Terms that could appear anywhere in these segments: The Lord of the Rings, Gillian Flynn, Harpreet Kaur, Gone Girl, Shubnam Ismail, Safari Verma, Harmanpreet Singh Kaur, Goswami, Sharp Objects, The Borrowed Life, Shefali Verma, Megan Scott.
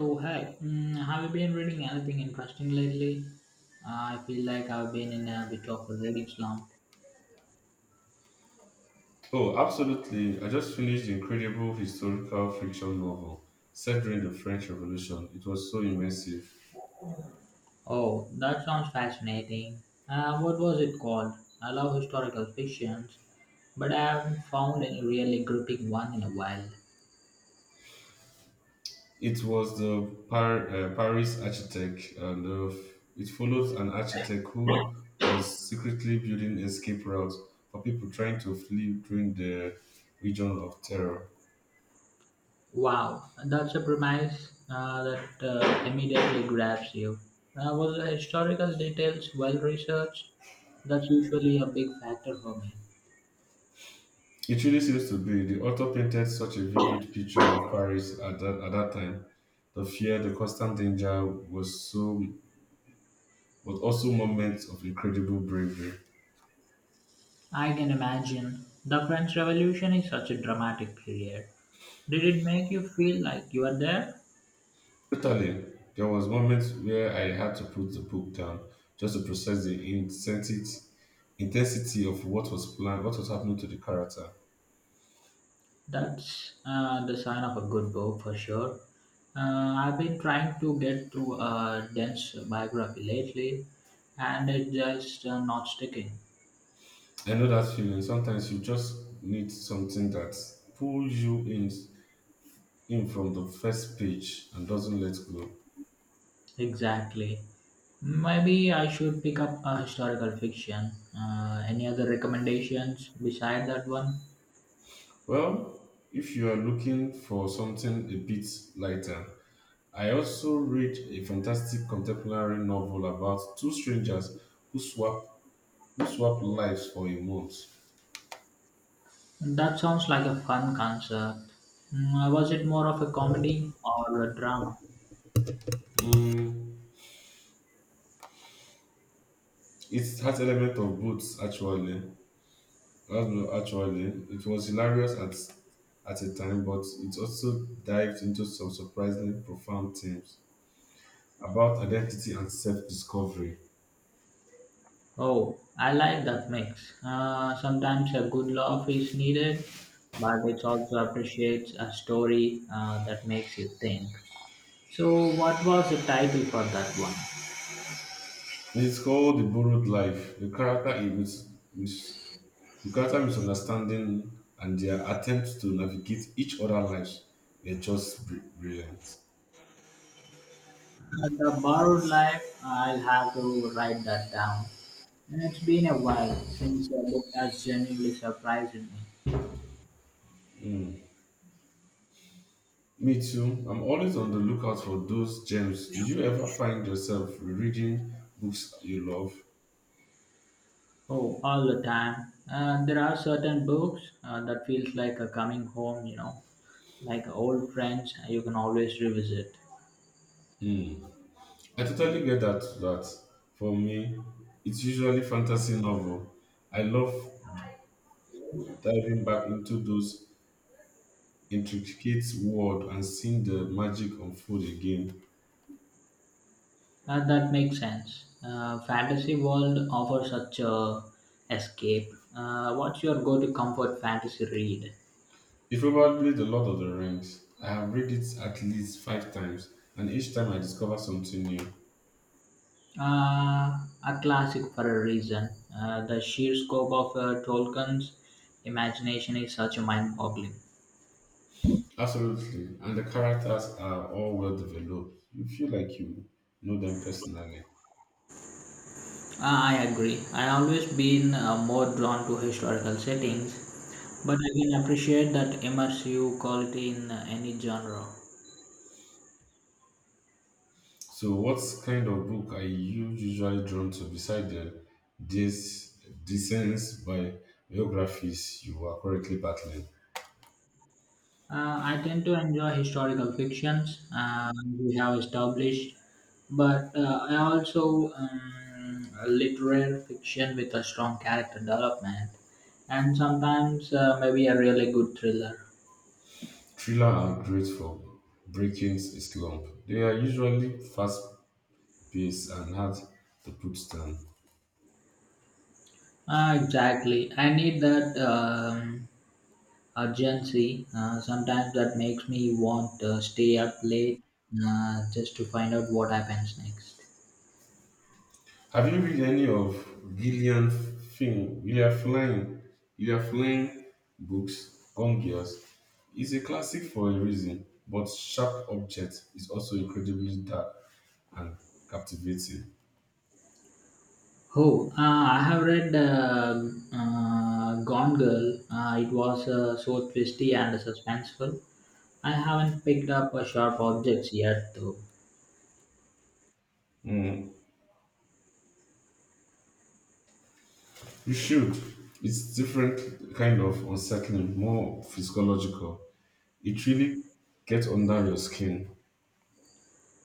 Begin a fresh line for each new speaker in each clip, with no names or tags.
Oh, hi. Mm, have you been reading anything interesting lately? I feel like I've been in a bit of a reading slump.
Oh, absolutely. I just finished the incredible historical fiction novel set during the French Revolution. It was so immersive.
Oh, that sounds fascinating. What was it called? I love historical fictions, but I haven't found any really gripping one in a while.
It was the Paris architect, and it follows an architect who was secretly building escape routes for people trying to flee during the region of terror.
Wow, that's a premise that immediately grabs you. Was the historical details well researched? That's usually a big factor for me.
It really seems to be. The author painted such a vivid picture of Paris at that time. The fear, the constant danger was so but also moments of incredible bravery.
I can imagine. The French Revolution is such a dramatic period. Did it make you feel like you were there?
Totally, there was moments where I had to put the book down just to process the intensity of what was planned, what was happening to the character.
That's the sign of a good book for sure. I've been trying to get through a dense biography lately, and it's just not sticking.
I know that feeling. Sometimes you just need something that pulls you in from the first page and doesn't let go.
Exactly. Maybe I should pick up a historical fiction. Any other recommendations beside that one?
Well, if you are looking for something a bit lighter, I also read a fantastic contemporary novel about two strangers who swap who swap lives for a month.
That sounds like a fun concert. Mm, was it more of a comedy or a drama?
Mm, it has element of both actually. That's not Actually, it was hilarious at a time, but it also dived into some surprisingly profound themes about identity and self-discovery.
Oh, I like that mix. Sometimes a good laugh is needed, but it also appreciates a story that makes you think. So, what was the title for that one?
It is called The Borrowed Life. The character is mis- the character misunderstanding and their attempts to navigate each other's lives were just brilliant.
Uh, the Borrowed Life, I'll have to write that down. And it's been a while since a book has genuinely surprised me.
Me too. I'm always on the lookout for those gems. Do you ever find yourself reading books you love?
Oh, all the time. And there are certain books that feels like a coming home, like old friends you can always revisit.
I totally get that. That for me, it's usually fantasy novel. I love diving back into those intricate world and seeing the magic unfold again.
That makes sense. Fantasy world offers such a escape. What's your go-to comfort fantasy read?
It's probably The Lord of the Rings. I have read it at least five times, and each time I discover something new.
Uh, a classic for a reason. The sheer scope of Tolkien's imagination is such a mind-boggling.
Absolutely. And the characters are all well developed. You feel like you know them personally.
I agree. I always been more drawn to historical settings, but I can appreciate that immersive quality in any genre.
So, what kind of book are you usually drawn to beside the this descents by biographies you are currently battling?
I tend to enjoy historical fictions we have established, but I also literary fiction with a strong character development, and sometimes maybe a really good thriller.
Thriller are great for breaking a slump. They are usually fast paced and hard to put down.
Exactly. I need that. Urgency. Sometimes that makes me want to stay up late just to find out what happens next.
Have you read any of Gillian Flynn, Gillian Flynn, Gillian Flynn books, Gone Girls? Is a classic for a reason, but Sharp Object is also incredibly dark and captivating.
Oh, I have read Gone Girl. It was so twisty and suspenseful. I haven't picked up a sharp objects yet, though.
Hmm, you should. It's different kind of unsettling, more physiological. It really gets under your skin.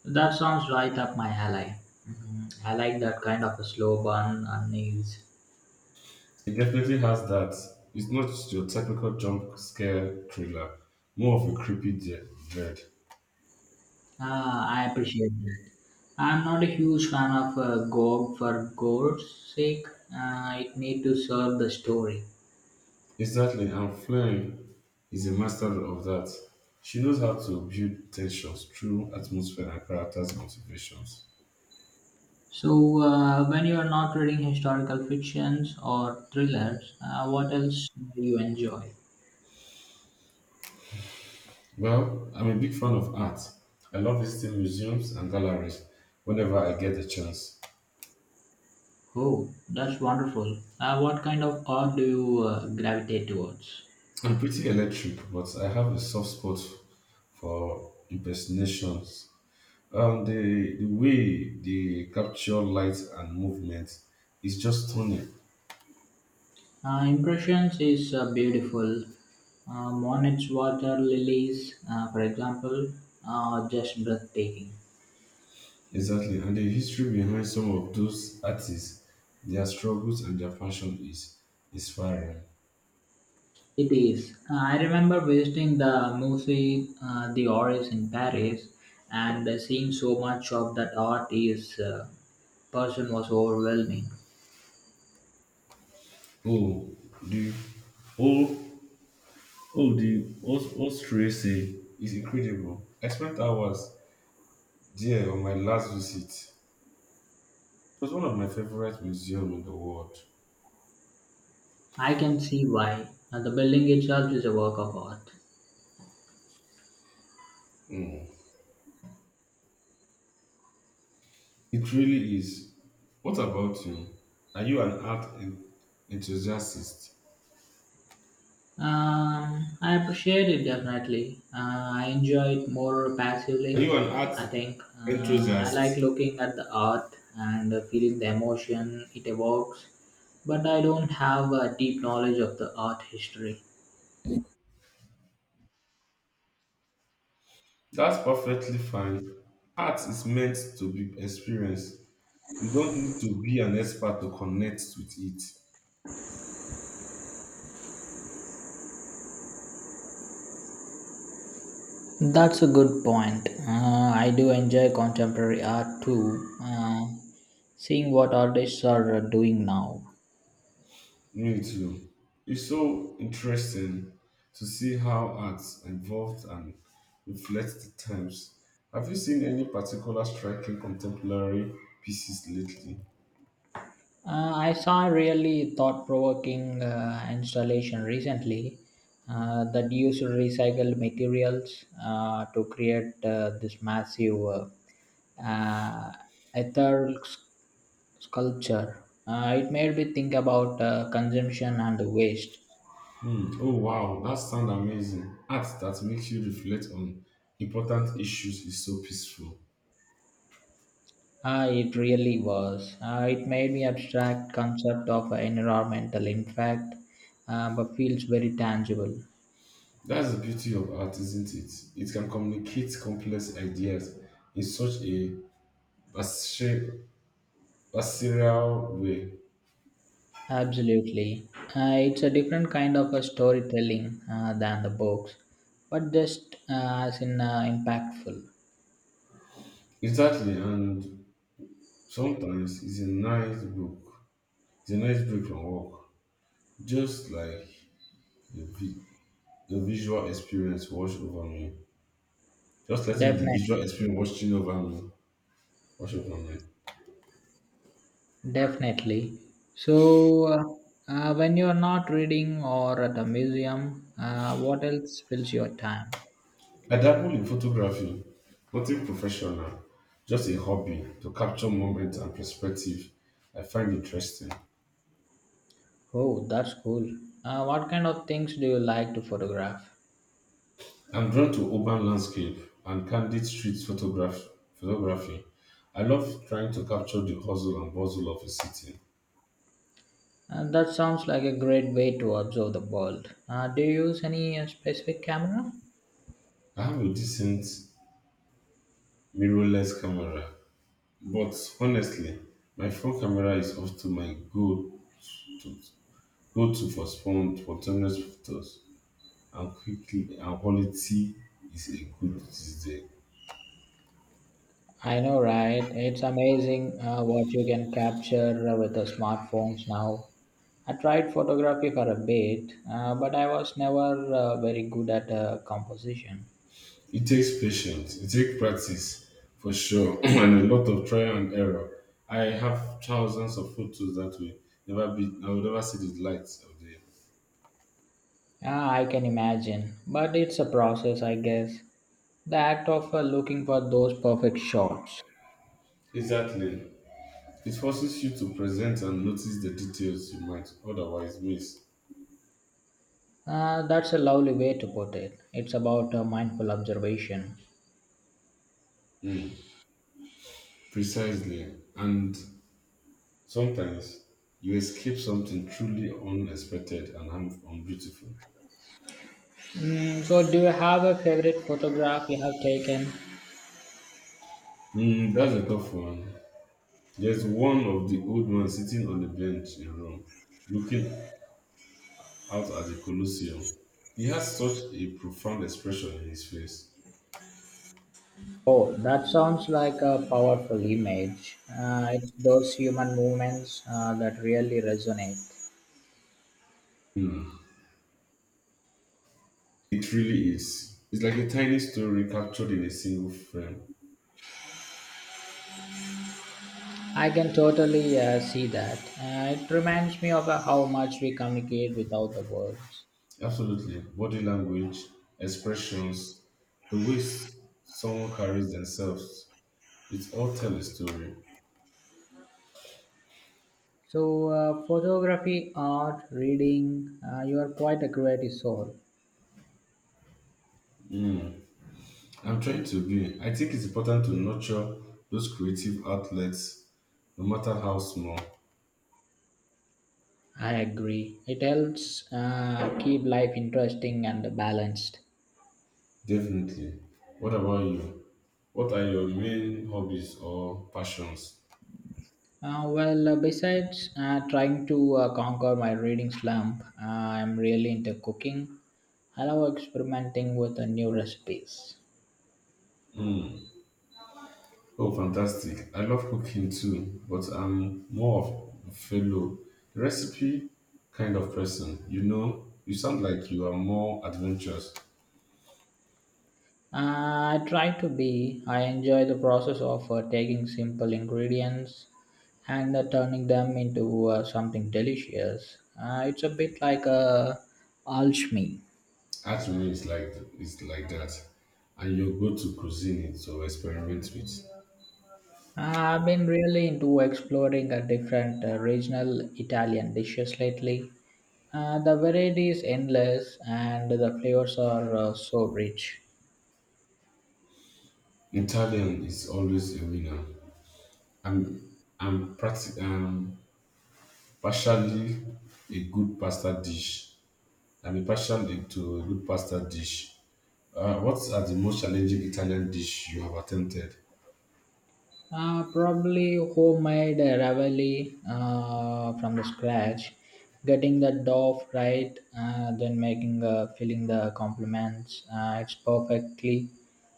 That sounds right up my alley. Mhm. I like that kind of a slow burn unease.
It definitely has that. It's not just your technical jump scare thriller, more of a creepy dread.
Ah, I appreciate that. I'm not a huge fan of God for gore's sake. It need to serve the story.
Exactly, and Flynn is a master of that. She knows how to build tensions through atmosphere and characters' motivations.
So, when you are not reading historical fictions or thrillers, what else do you enjoy?
Well, I'm a big fan of art. I love visiting museums and galleries whenever I get the chance.
Oh, that's wonderful. What kind of art do you gravitate towards?
I'm pretty electric, but I have a soft spot for impersonations. The way they capture light and movement is just stunning.
Impressions is beautiful. Monet's water lilies, for example, are just breathtaking.
Exactly, and the history behind some of those artists, their struggles and their passion is inspiring.
It is. I remember visiting the Musée d'Orsay in Paris and seeing so much of that art is person was overwhelming.
Oh, the oh oh the Austria say is incredible. I spent hours there on my last visit. It was one of my favorite museums in the world.
I can see why. The building itself is a work of art.
Mm. It really is. What about you? Are you an enthusiast?
I appreciate it definitely. I enjoy it more
Are
passively.
you an art
I think I like
enthusiast?
looking at the art and feeling the emotion it evokes, but I don't have a deep knowledge of the art history.
That's perfectly fine. Art is meant to be experienced. You don't need to be an expert to connect with it.
That's a good point. I do enjoy contemporary art too, seeing what artists are doing now.
Me too. It's so interesting to see how art evolved and reflects the times. Have you seen any particular striking contemporary pieces lately?
I saw a really thought provoking installation recently that used recycled materials to create this massive uh, ethereal sculpture. It made me think about consumption and waste.
Hmm. Oh wow, that sounds amazing. Art that makes you reflect on important issues is so peaceful.
Ah, it really was. It made me abstract concept of environmental impact, but feels very tangible.
That's the beauty of art, isn't it? It can communicate complex ideas in such a viscer- visceral way.
Absolutely. It's a different kind of a storytelling than the books, but just as in impactful.
Exactly, and sometimes it's a nice book. It's a nice break from work, just like the, vi- the visual experience wash over me. Just letting the
Definitely.
visual experience washing over me, wash over me.
Definitely. So, when you are not reading or at a museum, what else fills your time?
I dabble in photography, nothing professional, just a hobby to capture moments and perspective I find interesting.
Oh, that's cool. What kind of things do you like to photograph?
I'm drawn to urban landscape and candid photography. I love trying to capture the hustle and bustle of a city.
And that sounds like a great way to observe the world. Do you use any specific camera?
I have a decent mirrorless camera, but honestly, my phone camera is often my to go to for spontaneous photos and quickly and quality is a good these days.
I know, right? It's amazing what you can capture with the smartphones now. I tried photography for a bit, but I was never very good at composition.
It takes patience, it takes practice for sure, and a lot of trial and error. I have thousands of photos that way. Never be, I will never see the light of day.
Ah, I can imagine, but it's a process, I guess. The act of looking for those perfect shots.
Exactly. It forces you to present and notice the details you might otherwise miss.
That's a lovely way to put it. It's about mindful observation.
Precisely. And sometimes you escape something truly unexpected and unbeautiful.
Mm, so, do you have a favorite photograph you have taken?
Mm, that's a tough one. There's one of the old man sitting on the bench in Rome, looking out at the Colosseum. He has such a profound expression in his face.
Oh, that sounds like a powerful image. It's those human movements that really resonate.
Hmm. It really is. It's like a tiny story captured in a single frame.
I can totally see that. It reminds me of how much we communicate without the words.
Absolutely. Body language, expressions, the way someone carries themselves, it's all tell a story.
So, photography, art, reading, you are quite a creative soul.
I'm trying to be. I think it's important to nurture those creative outlets, no matter how small.
I agree. It helps keep life interesting and balanced.
Definitely. What about you? What are your main hobbies or passions?
Well, besides trying to conquer my reading slump, I'm really into cooking. I love experimenting with new recipes.
Oh, fantastic. I love cooking too, but I'm more of a fellow recipe kind of person. You know, you sound like you are more adventurous.
I try to be, I enjoy the process of taking simple ingredients and turning them into something delicious. It's a bit like a alchemy.
Art to me is like that. And you go to cuisine it or experiment with.
I've been really into exploring a different regional Italian dishes lately. The variety is endless and the flavors are so rich.
Italian is always a winner. I'm partially a good pasta dish. I'm a partially to a good pasta dish. What are the most challenging Italian dish you have attempted?
Probably homemade ravioli from the scratch, getting the dough right, then making filling the complements, it's perfectly,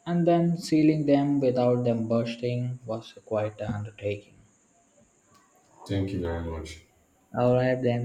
and then sealing them without them bursting was quite an undertaking.
Thank you very much.
All right, then.